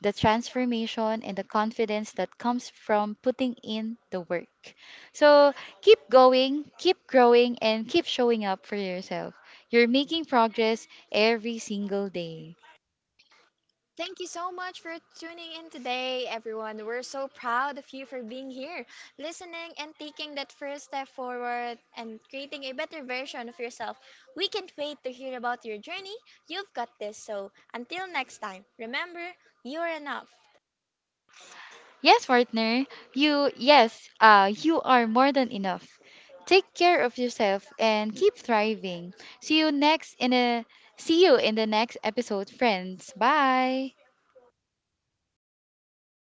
[SPEAKER 1] the transformation, and the confidence that comes from putting in the work. So keep going, keep growing, and keep showing up for yourself. You're making progress every single day.
[SPEAKER 2] Thank you so much for tuning in today, everyone. We're so proud of you for being here, listening, and taking that first step forward and creating a better version of yourself. We can't wait to hear about your journey. You've got this. So, until next time, remember, you're enough.
[SPEAKER 1] Yes, partner. You are more than enough. Take care of yourself and keep thriving. See you next in a See you in the next episode, friends. Bye.